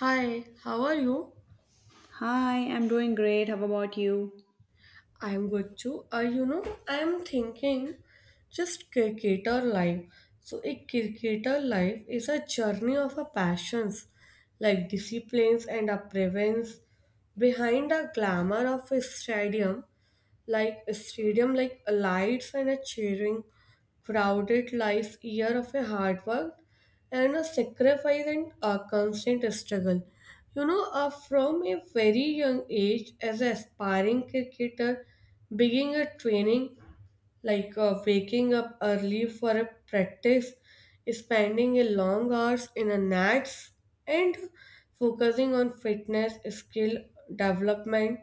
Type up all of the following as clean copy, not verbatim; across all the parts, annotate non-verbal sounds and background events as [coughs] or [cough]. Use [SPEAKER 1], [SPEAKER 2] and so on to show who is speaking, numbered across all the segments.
[SPEAKER 1] Hi, how are you?
[SPEAKER 2] Hi, I'm doing great. How about you?
[SPEAKER 1] I'm good too. I'm thinking just cricketer life. So, a cricketer life is a journey of a passions, like disciplines and a prevents. Behind the glamour of a stadium like a stadium like a lights and a cheering crowded life, year of a hard work and a sacrifice and a constant struggle from a very young age as an aspiring cricketer beginning a training like waking up early for a practice spending a long hours in a nets and focusing on fitness skill development.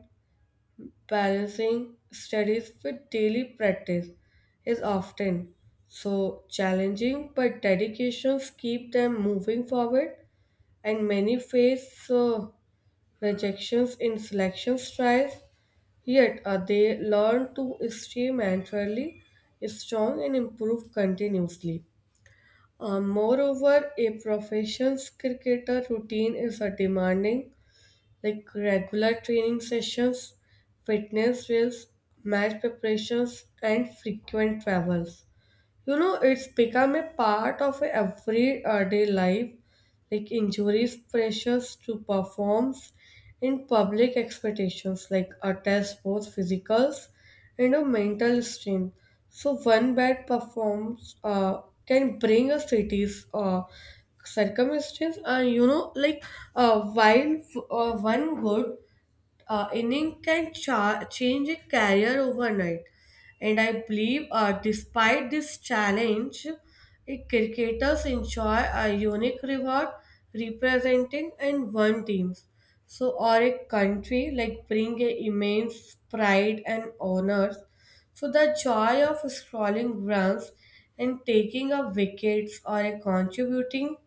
[SPEAKER 1] Balancing studies with daily practice is often so challenging, but dedications keep them moving forward, and many face rejections in selection trials. Yet they learn to stay mentally strong and improve continuously. Moreover, a professional cricketer routine is a demanding like regular training sessions, fitness drills, match preparations, and frequent travels, you know, it's become a part of everyday life like injuries pressures to performs in public expectations like a test both physicals and a mental strain. So one bad performance can bring a city's circumstance, and you know like while one good inning can change a career overnight. And I believe, despite this challenge, cricketers enjoy a unique reward representing and one teams. So, or a country like bring a immense pride and honors. So, the joy of scrolling runs and taking up wickets or a contributing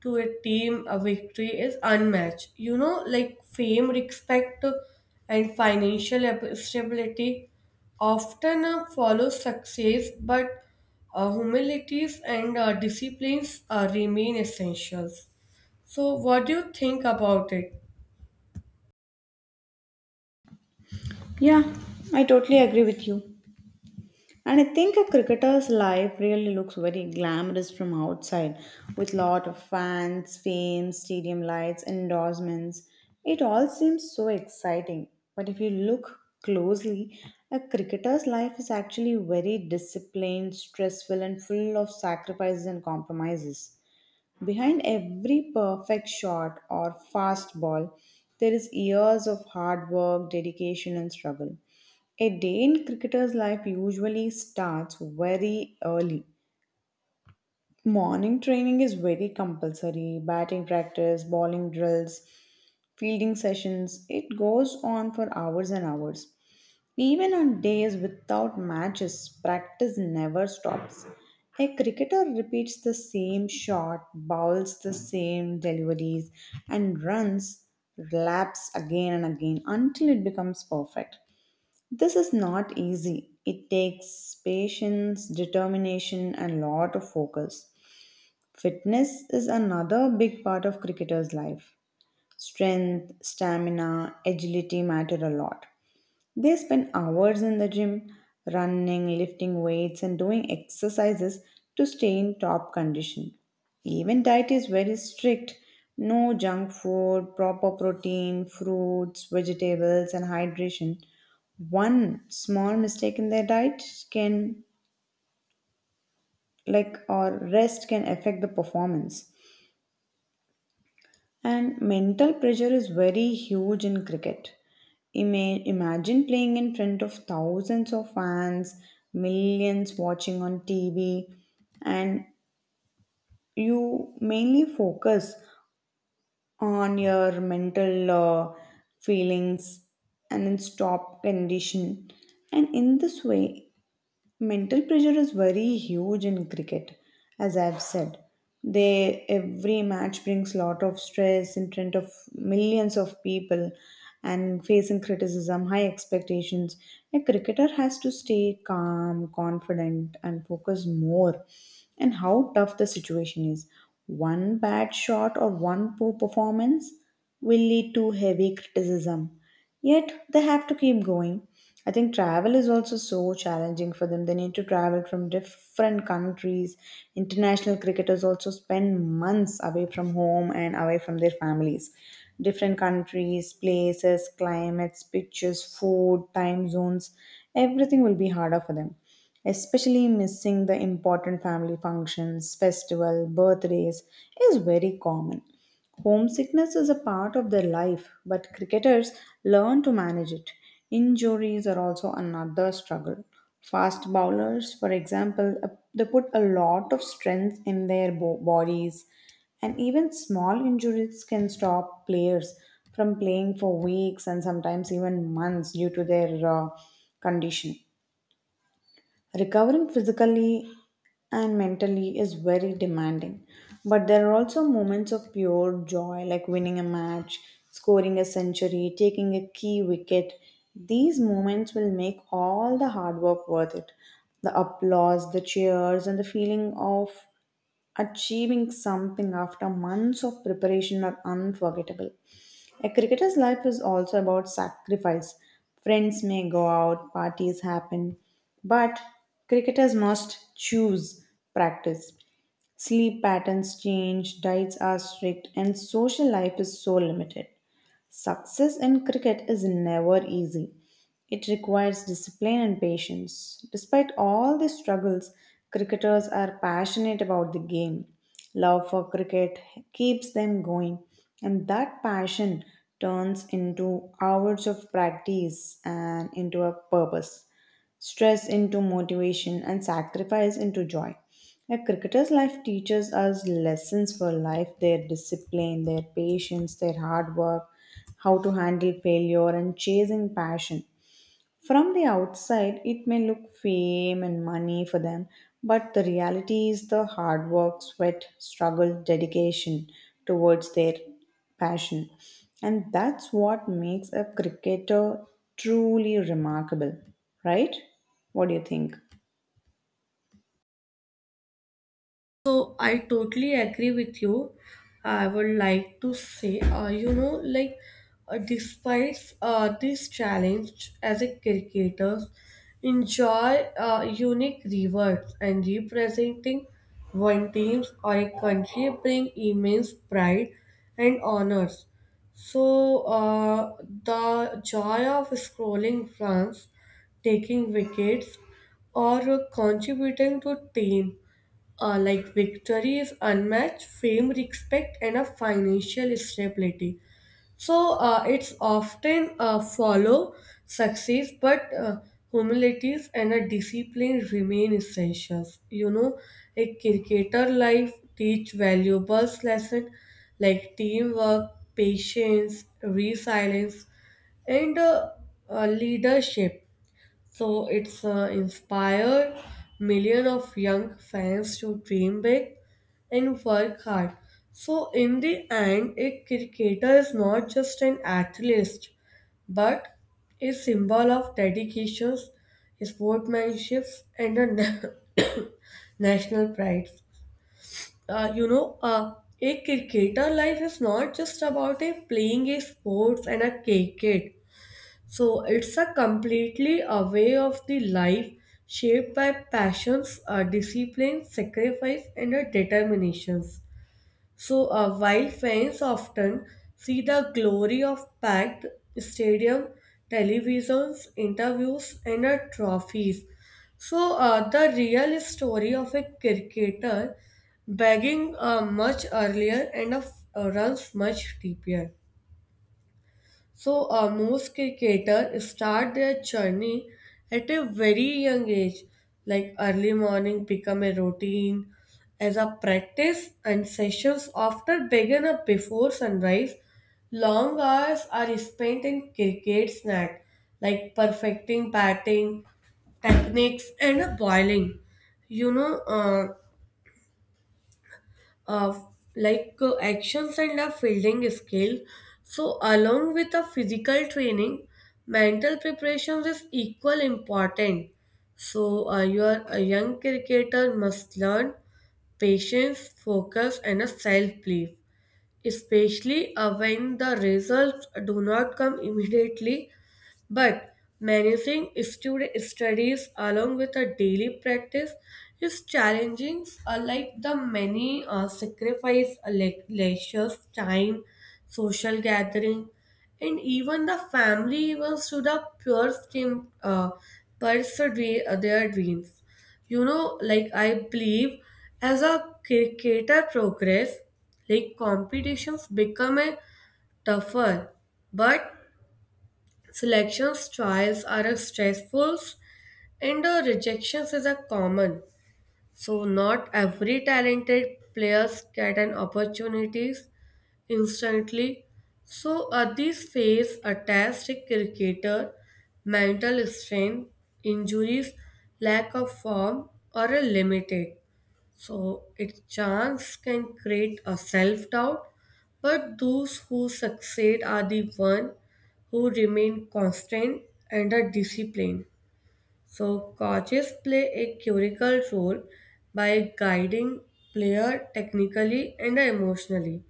[SPEAKER 1] to a team, a victory is unmatched. You know, like fame, respect, and financial stability often follow success, but humilities and disciplines remain essentials. So, what do you think about it?
[SPEAKER 2] Yeah, I totally agree with you. And I think a cricketer's life really looks very glamorous from outside, with lot of fans, fame, stadium lights, endorsements. It all seems so exciting. But if you look closely, a cricketer's life is actually very disciplined, stressful, and full of sacrifices and compromises. Behind every perfect shot or fast ball, there is years of hard work, dedication, and struggle. A day in cricketer's life usually starts very early. Morning training is very compulsory, batting practice, bowling drills, fielding sessions, it goes on for hours and hours. Even on days without matches, practice never stops. A cricketer repeats the same shot, bowls the same deliveries, and runs laps again and again until it becomes perfect. This is not easy. It takes patience, determination, and lot of focus. Fitness is another big part of cricketer's life. Strength, stamina, agility matter a lot. They spend hours in the gym, running, lifting weights, and doing exercises to stay in top condition. Even diet is very strict, no junk food, proper protein, fruits, vegetables, and hydration. One small mistake in their diet can, like, or rest can affect the performance. And mental pressure is very huge in cricket. Imagine playing in front of thousands of fans, millions watching on TV, and you mainly focus on your mental feelings and in stop condition. And in this way, mental pressure is very huge in cricket, as I've said. They every match brings lot of stress in front of millions of people and facing criticism, high expectations. A cricketer has to stay calm, confident, and focus more and how tough the situation is. One bad shot or one poor performance will lead to heavy criticism. Yet they have to keep going. I think travel is also so challenging for them. They need to travel from different countries. International cricketers also spend months away from home and away from their families. Different countries, places, climates, pitches, food, time zones, everything will be harder for them. Especially missing the important family functions, festival, birthdays is very common. Homesickness is a part of their life, but cricketers learn to manage it. Injuries are also another struggle. Fast bowlers, for example, they put a lot of strength in their bodies, and even small injuries can stop players from playing for weeks and sometimes even months due to their condition. Recovering physically and mentally is very demanding, but there are also moments of pure joy like winning a match, scoring a century, taking a key wicket. These moments will make all the hard work worth it. The applause, the cheers, and the feeling of achieving something after months of preparation are unforgettable. A cricketer's life is also about sacrifice. Friends may go out, parties happen, but cricketers must choose practice. Sleep patterns change, diets are strict, and social life is so limited. Success in cricket is never easy. It requires discipline and patience. Despite all the struggles, cricketers are passionate about the game. Love for cricket keeps them going, and that passion turns into hours of practice and into a purpose, stress into motivation, and sacrifice into joy. A cricketer's life teaches us lessons for life, their discipline, their patience, their hard work, how to handle failure, and chasing passion. From the outside, it may look fame and money for them, but the reality is the hard work, sweat, struggle, dedication towards their passion. And that's what makes a cricketer truly remarkable, right? What do you think?
[SPEAKER 1] So I totally agree with you. I would like to say, despite this challenge as a cricketer, enjoy unique rewards and representing one team or a country bring immense pride and honors. So uh, the joy of scoring runs, taking wickets, or contributing to team like victory is unmatched fame, respect, and a financial stability. So it's often follow success, but humilities and a discipline remain essentials. You know, a cricketer life teach valuables lesson like teamwork, patience, resilience, and leadership. So it's inspired millions of young fans to dream big and work hard. So in the end, a cricketer is not just an athlete, but a symbol of dedication, sportsmanship, and a [coughs] national pride. Uh, you know, uh, a cricketer life is not just about a playing a sports and a cricket. So it's a completely a way of the life shaped by passions, discipline, sacrifice, and determinations. So while fans often see the glory of packed stadium, televisions, interviews, and trophies, so the real story of a cricketer begging much earlier and runs much deeper. So most cricketers start their journey at a very young age, like early morning become a routine as a practice and sessions often begin up before sunrise. Long hours are spent in cricket snack, like perfecting batting techniques and bowling. You know, uh, uh, actions and a fielding skill. So, along with the physical training, mental preparations is equal important. So, your a young cricketer must learn patience, focus, and a self belief, especially when the results do not come immediately. But managing student studies along with a daily practice is challenging, unlike the many sacrifice lectures, time, social gathering, and even the family events to the pure stream pursue their dreams. You know, like I believe as a cricketer progress, like competitions become a tougher, but selections trials are a stressful and rejections is a common. So not every talented players get an opportunities instantly. So at this phase, a test cricketer, mental strain, injuries, lack of form are limited. So, its chance can create a self doubt, but those who succeed are the one who remain constant and are disciplined. So, coaches play a critical role by guiding player technically and emotionally.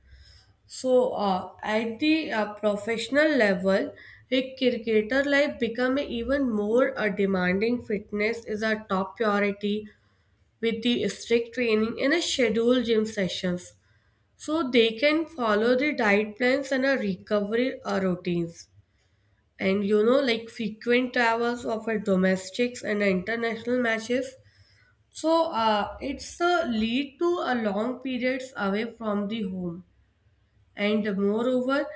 [SPEAKER 1] So, at the professional level, a cricketer life become even more a demanding. Fitness is a top priority with the strict training and a scheduled gym sessions, so they can follow the diet plans and a recovery routines, and you know like frequent travels of a domestics and international matches. So it's a lead to a long periods away from the home, and moreover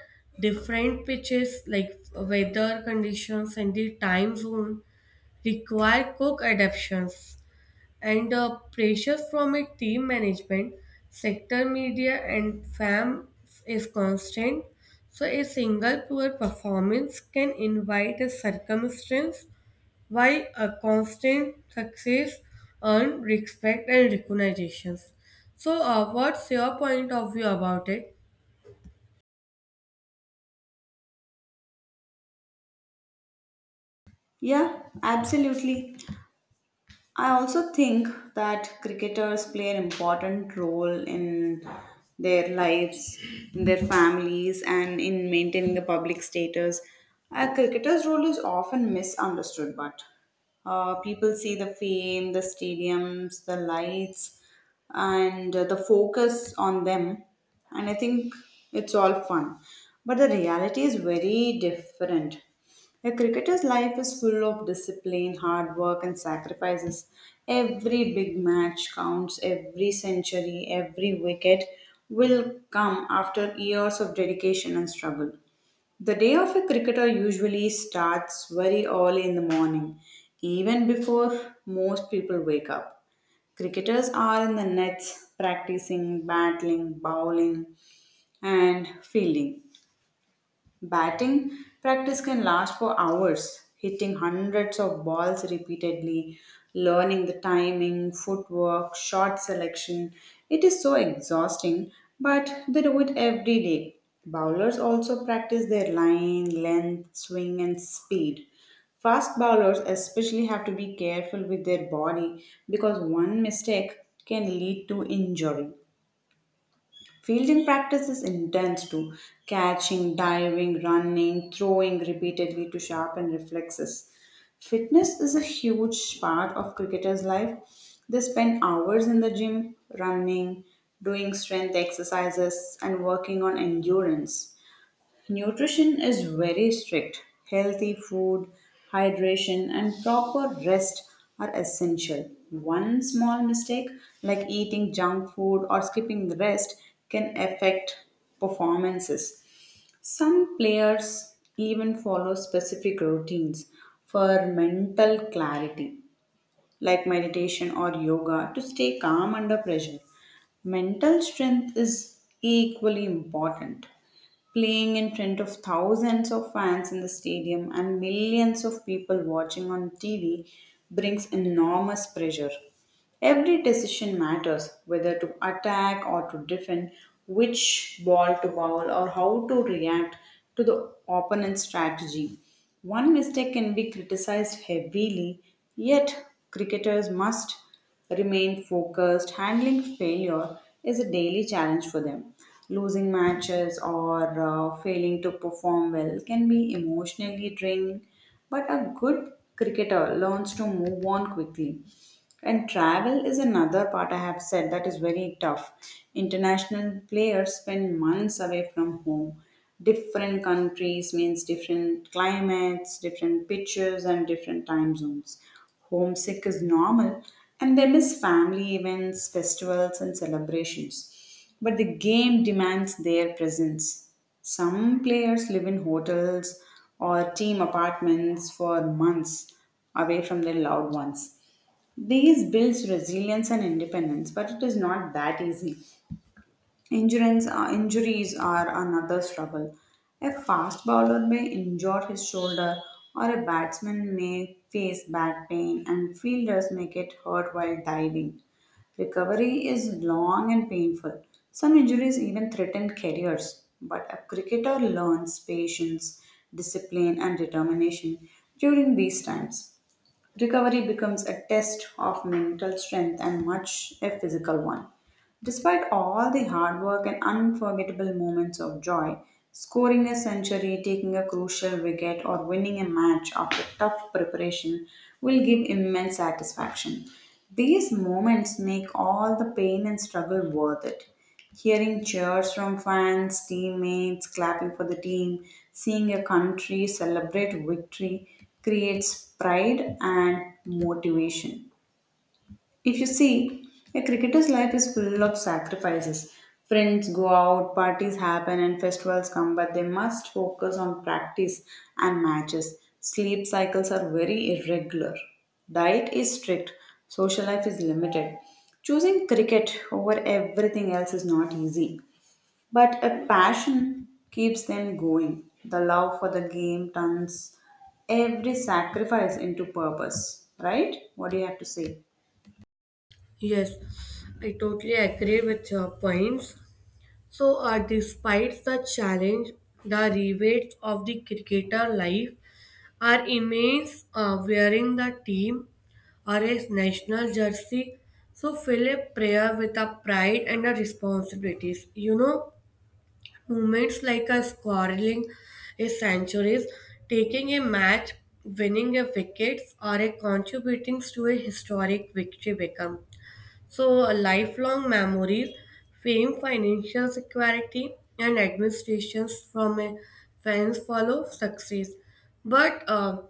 [SPEAKER 1] different pitches like weather conditions and the time zone require quick adaptations, and the pressure from a team management, sector media, and fam is constant. So, a single poor performance can invite a circumstance, while a constant success earn respect and recognitions. So, what's your point of view about it?
[SPEAKER 2] Yeah, absolutely. I also think that cricketers play an important role in their lives, in their families, and in maintaining the public status. A cricketer's role is often misunderstood, but people see the fame, the stadiums, the lights, and the focus on them. And I think it's all fun. But the reality is very different. A cricketer's life is full of discipline, hard work, and sacrifices. Every big match counts, every century, every wicket will come after years of dedication and struggle. The day of a cricketer usually starts very early in the morning, even before most people wake up. Cricketers are in the nets practicing, battling, bowling, and fielding. Batting practice can last for hours, hitting hundreds of balls repeatedly, learning the timing, footwork, shot selection. It is so exhausting, but they do it every day. Bowlers also practice their line, length, swing, and speed. Fast bowlers especially have to be careful with their body because one mistake can lead to injury. Fielding practice is intense too, catching, diving, running, throwing repeatedly to sharpen reflexes. Fitness is a huge part of cricketers' life. They spend hours in the gym, running, doing strength exercises, and working on endurance. Nutrition is very strict. Healthy food, hydration, and proper rest are essential. One small mistake, like eating junk food or skipping rest, can affect performances. Some players even follow specific routines for mental clarity, like meditation or yoga, to stay calm under pressure. Mental strength is equally important. Playing in front of thousands of fans in the stadium and millions of people watching on TV brings enormous pressure. Every decision matters, whether to attack or to defend, which ball to bowl, or how to react to the opponent's strategy. One mistake can be criticized heavily, yet cricketers must remain focused. Handling failure is a daily challenge for them. Losing matches or failing to perform well can be emotionally draining, but a good cricketer learns to move on quickly. And travel is another part I have said that is very tough. International players spend months away from home. Different countries means different climates, different pitches, and different time zones. Homesick is normal, and they miss family events, festivals, and celebrations. But the game demands their presence. Some players live in hotels or team apartments for months away from their loved ones. These builds resilience and independence, but it is not that easy. Insurance, injuries are another struggle. A fast bowler may injure his shoulder, or a batsman may face back pain, and fielders may get hurt while diving. Recovery is long and painful. Some injuries even threaten careers, but a cricketer learns patience, discipline, and determination during these times. Recovery becomes a test of mental strength and much a physical one. Despite all the hard work and unforgettable moments of joy, scoring a century, taking a crucial wicket, or winning a match after tough preparation will give immense satisfaction. These moments make all the pain and struggle worth it. Hearing cheers from fans, teammates, clapping for the team, seeing your country celebrate victory creates pride and motivation. If you see, a cricketer's life is full of sacrifices. Friends go out, parties happen, and festivals come, but they must focus on practice and matches. Sleep cycles are very irregular. Diet is strict, social life is limited. Choosing cricket over everything else is not easy, but a passion keeps them going. The love for the game turns every sacrifice into purpose, right? What do you have to say?
[SPEAKER 1] Yes, I totally agree with your points. So, despite the challenge, the rewards of the cricketer life our inmates wearing the team or his national jersey. So fill a prayer with a pride and a responsibilities. You know, moments like a scoring a centuries, taking a match, winning a wickets, or a contributing to a historic victory become. So, lifelong memories, fame, financial security, and administrations from a fans follow success. But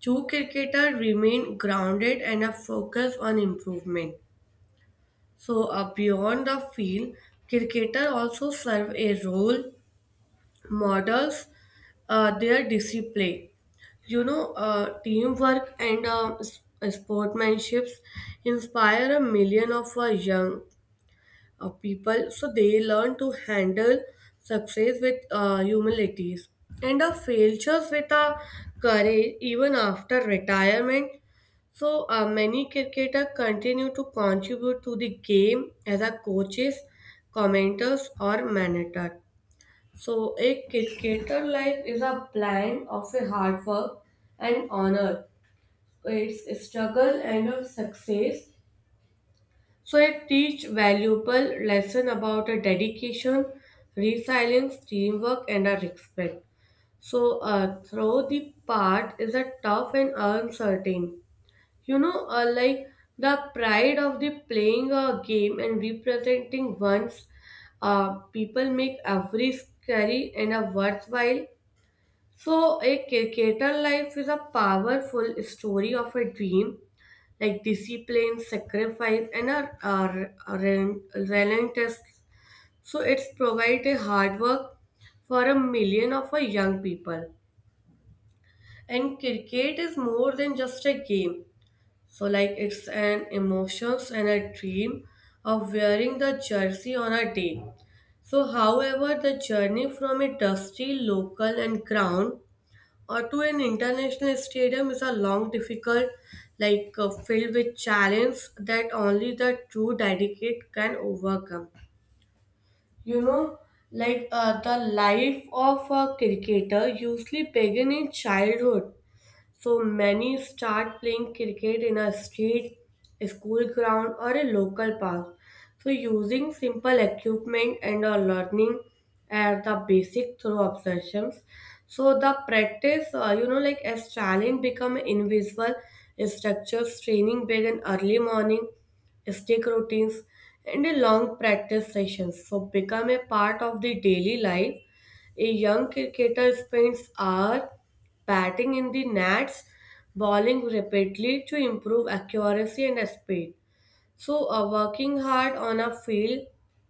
[SPEAKER 1] two cricketer remain grounded and are focused on improvement. So, beyond the field, cricketer also serve a role models their discipline. Teamwork and sportsmanships inspire a million of our young of people, so they learn to handle success with humilities and the failures with a courage even after retirement. So many cricketers continue to contribute to the game as a coaches, commenters, or manager. So a cricketer life is a blend of a hard work and honor, its struggle and of success. So it teach valuable lesson about a dedication, resilience, teamwork, and a respect. So through the path is a tough and uncertain. You know, like the pride of the playing a game and representing one's people make every scary and a worthwhile. So, a cricketer life is a powerful story of a dream, like discipline, sacrifice, and a relentless. So, it's provide a hard work for a million of a young people. And cricket is more than just a game. So, like it's an emotions and a dream of wearing the jersey on a day. So, however, the journey from a dusty local and ground to an international stadium is a long, difficult, like filled with challenge that only the true dedicate can overcome. You know, the life of a cricketer usually begin in childhood. So many start playing cricket in a street, a school ground, or a local park. So using simple equipment and a learning as the basic through obsessions. So the practice, as challenge become invisible, structures training begin early morning, stick routines, and a long practice sessions. So become a part of the daily life. A young cricketer spends hours batting in the nets, bowling rapidly to improve accuracy and speed. So, working hard on a field,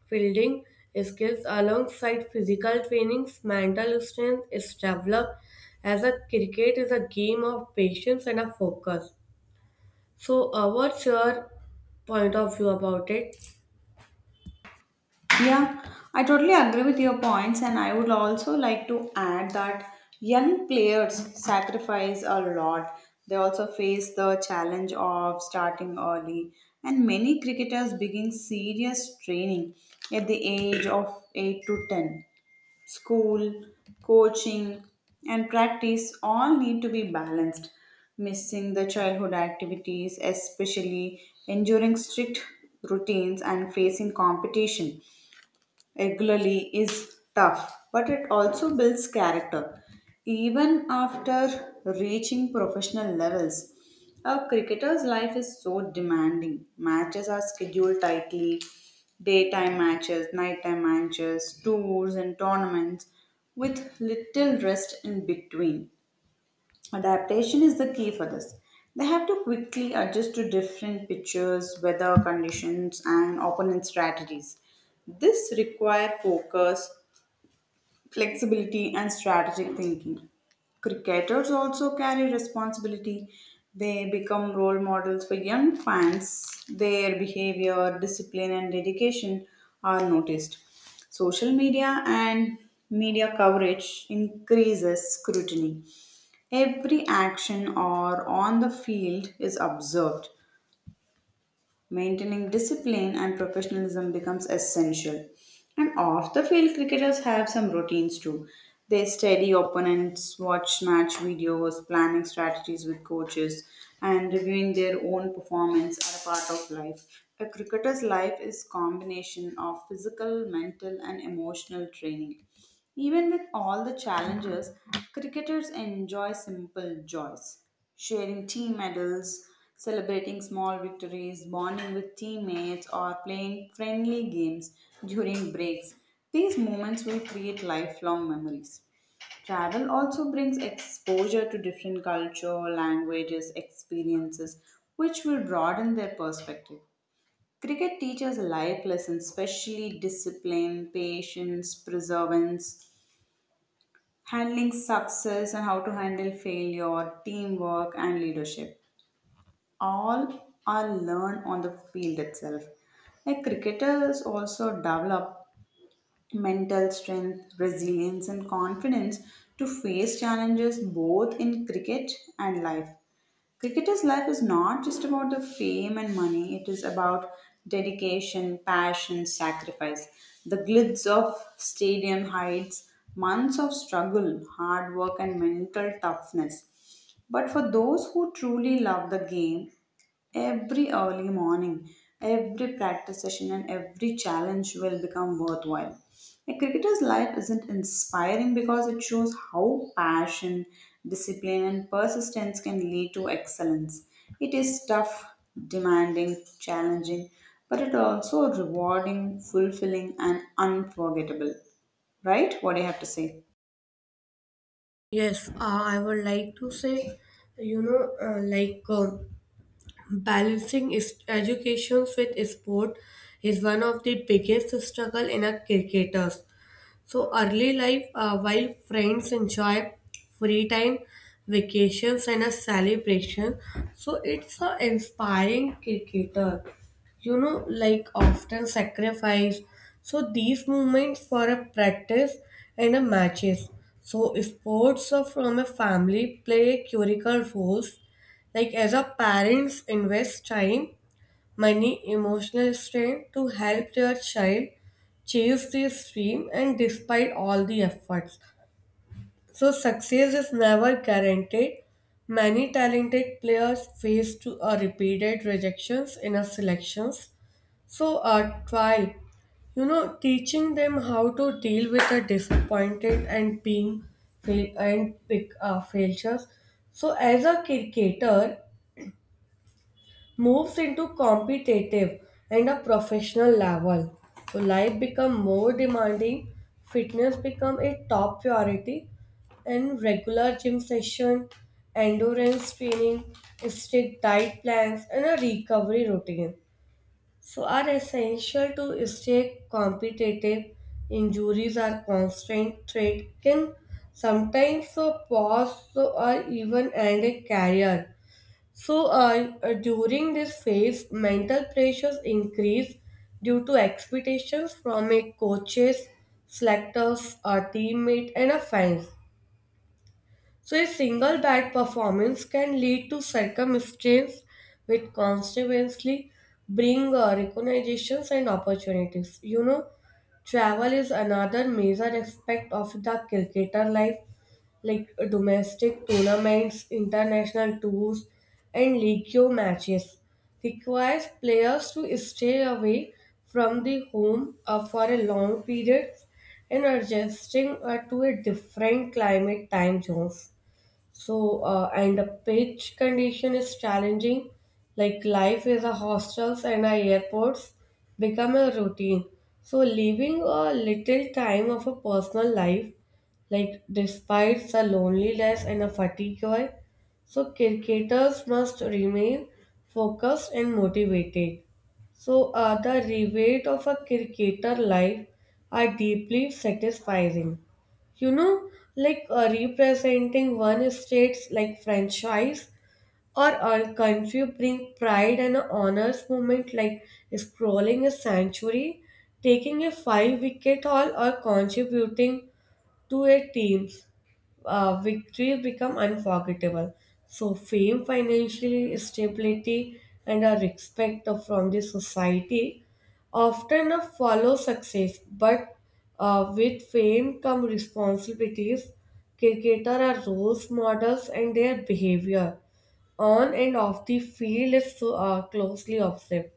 [SPEAKER 1] fielding skills alongside physical trainings, mental strength is developed as a cricket is a game of patience and a focus. So, what's your point of view about it?
[SPEAKER 2] Yeah, I totally agree with your points, and I would also like to add that young players sacrifice a lot. They also face the challenge of starting early, and many cricketers begin serious training at the age of 8 to 10. School, coaching, and practice all need to be balanced. Missing the childhood activities, especially enduring strict routines and facing competition regularly is tough, but it also builds character. Even after reaching professional levels, a cricketer's life is so demanding. Matches are scheduled tightly, daytime matches, nighttime matches, tours, and tournaments with little rest in between. Adaptation is the key for this. They have to quickly adjust to different pitches, weather conditions, and opponent strategies. This requires focus, flexibility, and strategic thinking. Cricketers also carry responsibility. They become role models for young fans. Their behavior, discipline, and dedication are noticed. Social media and media coverage increases scrutiny. Every action or on the field is observed. Maintaining discipline and professionalism becomes essential. And off the field, cricketers have some routines too. They study opponents, watch match videos, planning strategies with coaches, and reviewing their own performance are a part of life. A cricketer's life is combination of physical, mental, and emotional training. Even with all the challenges, cricketers enjoy simple joys. Sharing team medals, celebrating small victories, bonding with teammates, or playing friendly games during breaks. These moments will create lifelong memories. Travel also brings exposure to different culture, languages, experiences, which will broaden their perspective. Cricket teaches life lessons, especially discipline, patience, perseverance, handling success and how to handle failure, teamwork, and leadership. All are learned on the field itself. Like cricketers also develop mental strength, resilience, and confidence to face challenges both in cricket and life. Cricketers' life is not just about the fame and money, it is about dedication, passion, sacrifice. The glitz of stadium heights, months of struggle, hard work, and mental toughness. But for those who truly love the game, every early morning, every practice session, and every challenge will become worthwhile. A cricketer's life isn't inspiring because it shows how passion, discipline, and persistence can lead to excellence. It is tough, demanding, challenging, but it also rewarding, fulfilling, and unforgettable. Right? What do you have to say?
[SPEAKER 1] Yes, I would like to say, you know, like. Balancing is education with sport is one of the biggest struggle in a cricketers. So early life, while friends enjoy free time, vacations, and a celebration, so it's an inspiring cricketer. You know, like often sacrifice. So these moments for a practice and a matches. So sports are from a family play critical roles. Like as a parents invest time many emotional strain to help their child chase this dream and despite all the efforts. So success is never guaranteed. Many talented players face to a repeated rejections in a selections. So a trial, you know, teaching them how to deal with the disappointed and being fail and pick failures. So as a cricketer, moves into competitive and a professional level. So life become more demanding, fitness become a top priority, and regular gym session, endurance training, strict diet plans, and a recovery routine. So are essential to stay competitive. Injuries are constant threat can sometimes so pause so or even end a career. So, during this phase, mental pressures increase due to expectations from a coaches, selectors, a teammate, and a fans. So, a single bad performance can lead to circumstances which consequently bring recognitions and opportunities. You know, travel is another major aspect of the cricketer life like domestic tournaments, international tours, and league matches requires players to stay away from the home for a long period and adjusting to a different climate time zones. So, and the pitch condition is challenging. Like life is a hostels and our airports become a routine. So, leaving a little time of a personal life, like, despite the loneliness and the fatigue, so cricketers must remain focused and motivated. So, the reward of a cricketer life are deeply satisfying. You know, like representing one state's like franchise or a country bring pride and a honors moment like scrolling a century, taking a five wicket haul or contributing to a team's victories become unforgettable. So fame, financial stability, and a respect from the society often follow success. But with fame come responsibilities. Cricketer are role models, and their behavior on and off the field is so, closely observed.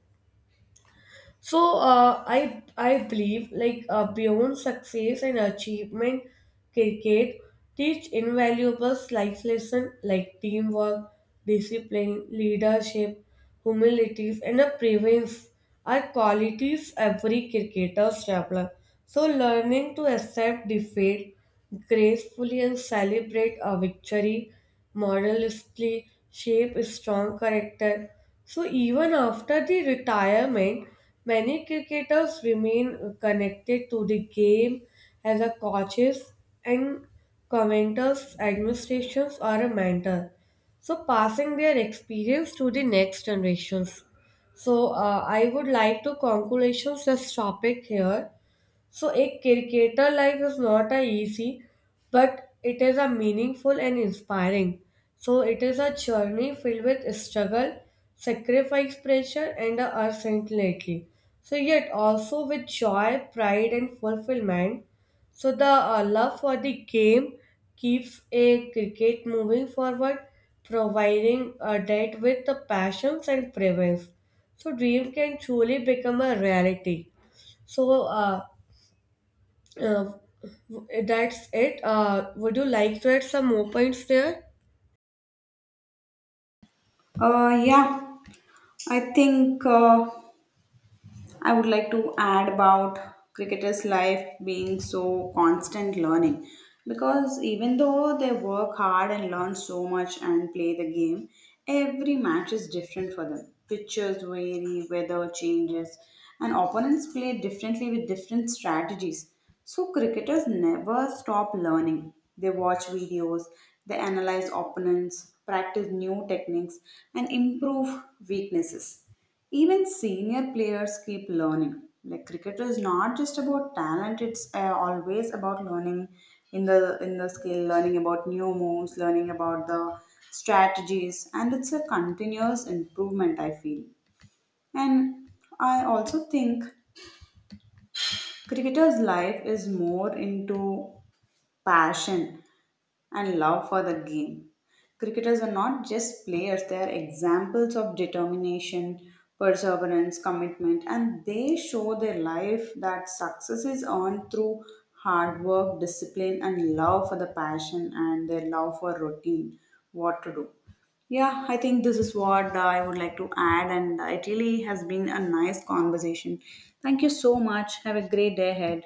[SPEAKER 1] So I believe like beyond success and achievement, cricket teach invaluable life lessons like teamwork, discipline, leadership, humility, and a prevents are qualities every cricketer develops. So, learning to accept defeat gracefully and celebrate a victory modestly shape a strong character. So, even after the retirement, many cricketers remain connected to the game as a coaches and commenters, administrations, or a mentor. So, passing their experience to the next generations. So, I would like to conclusions this topic here. So a cricketer life is not a easy, but it is a meaningful and inspiring. So it is a journey filled with struggle, sacrifice, pressure, and a uncertainty. So yet also with joy, pride, and fulfillment. So the love for the game keeps a cricket moving forward, providing a debt with the passions and prevents. So dream can truly become a reality. So uh, that's it. Would you like to add some more points there?
[SPEAKER 2] Yeah, I think. I would like to add about cricketers' life being so constant learning because even though they work hard and learn so much and play the game, every match is different for them. Pitches vary, weather changes, and opponents play differently with different strategies. So, cricketers never stop learning. They watch videos, they analyze opponents, practice new techniques, and improve weaknesses. Even senior players keep learning. Like cricket is not just about talent; it's always about learning in the skill, learning about new moves, learning about the strategies, and it's a continuous improvement. I feel, and I also think cricketer's life is more into passion and love for the game. Cricketers are not just players, they are examples of determination, perseverance, commitment, and they show their life that success is earned through hard work, discipline, and love for the passion and their love for routine, what to do. Yeah, I think this is what I would like to add, and it really has been a nice conversation. Thank you so much. Have a great day ahead.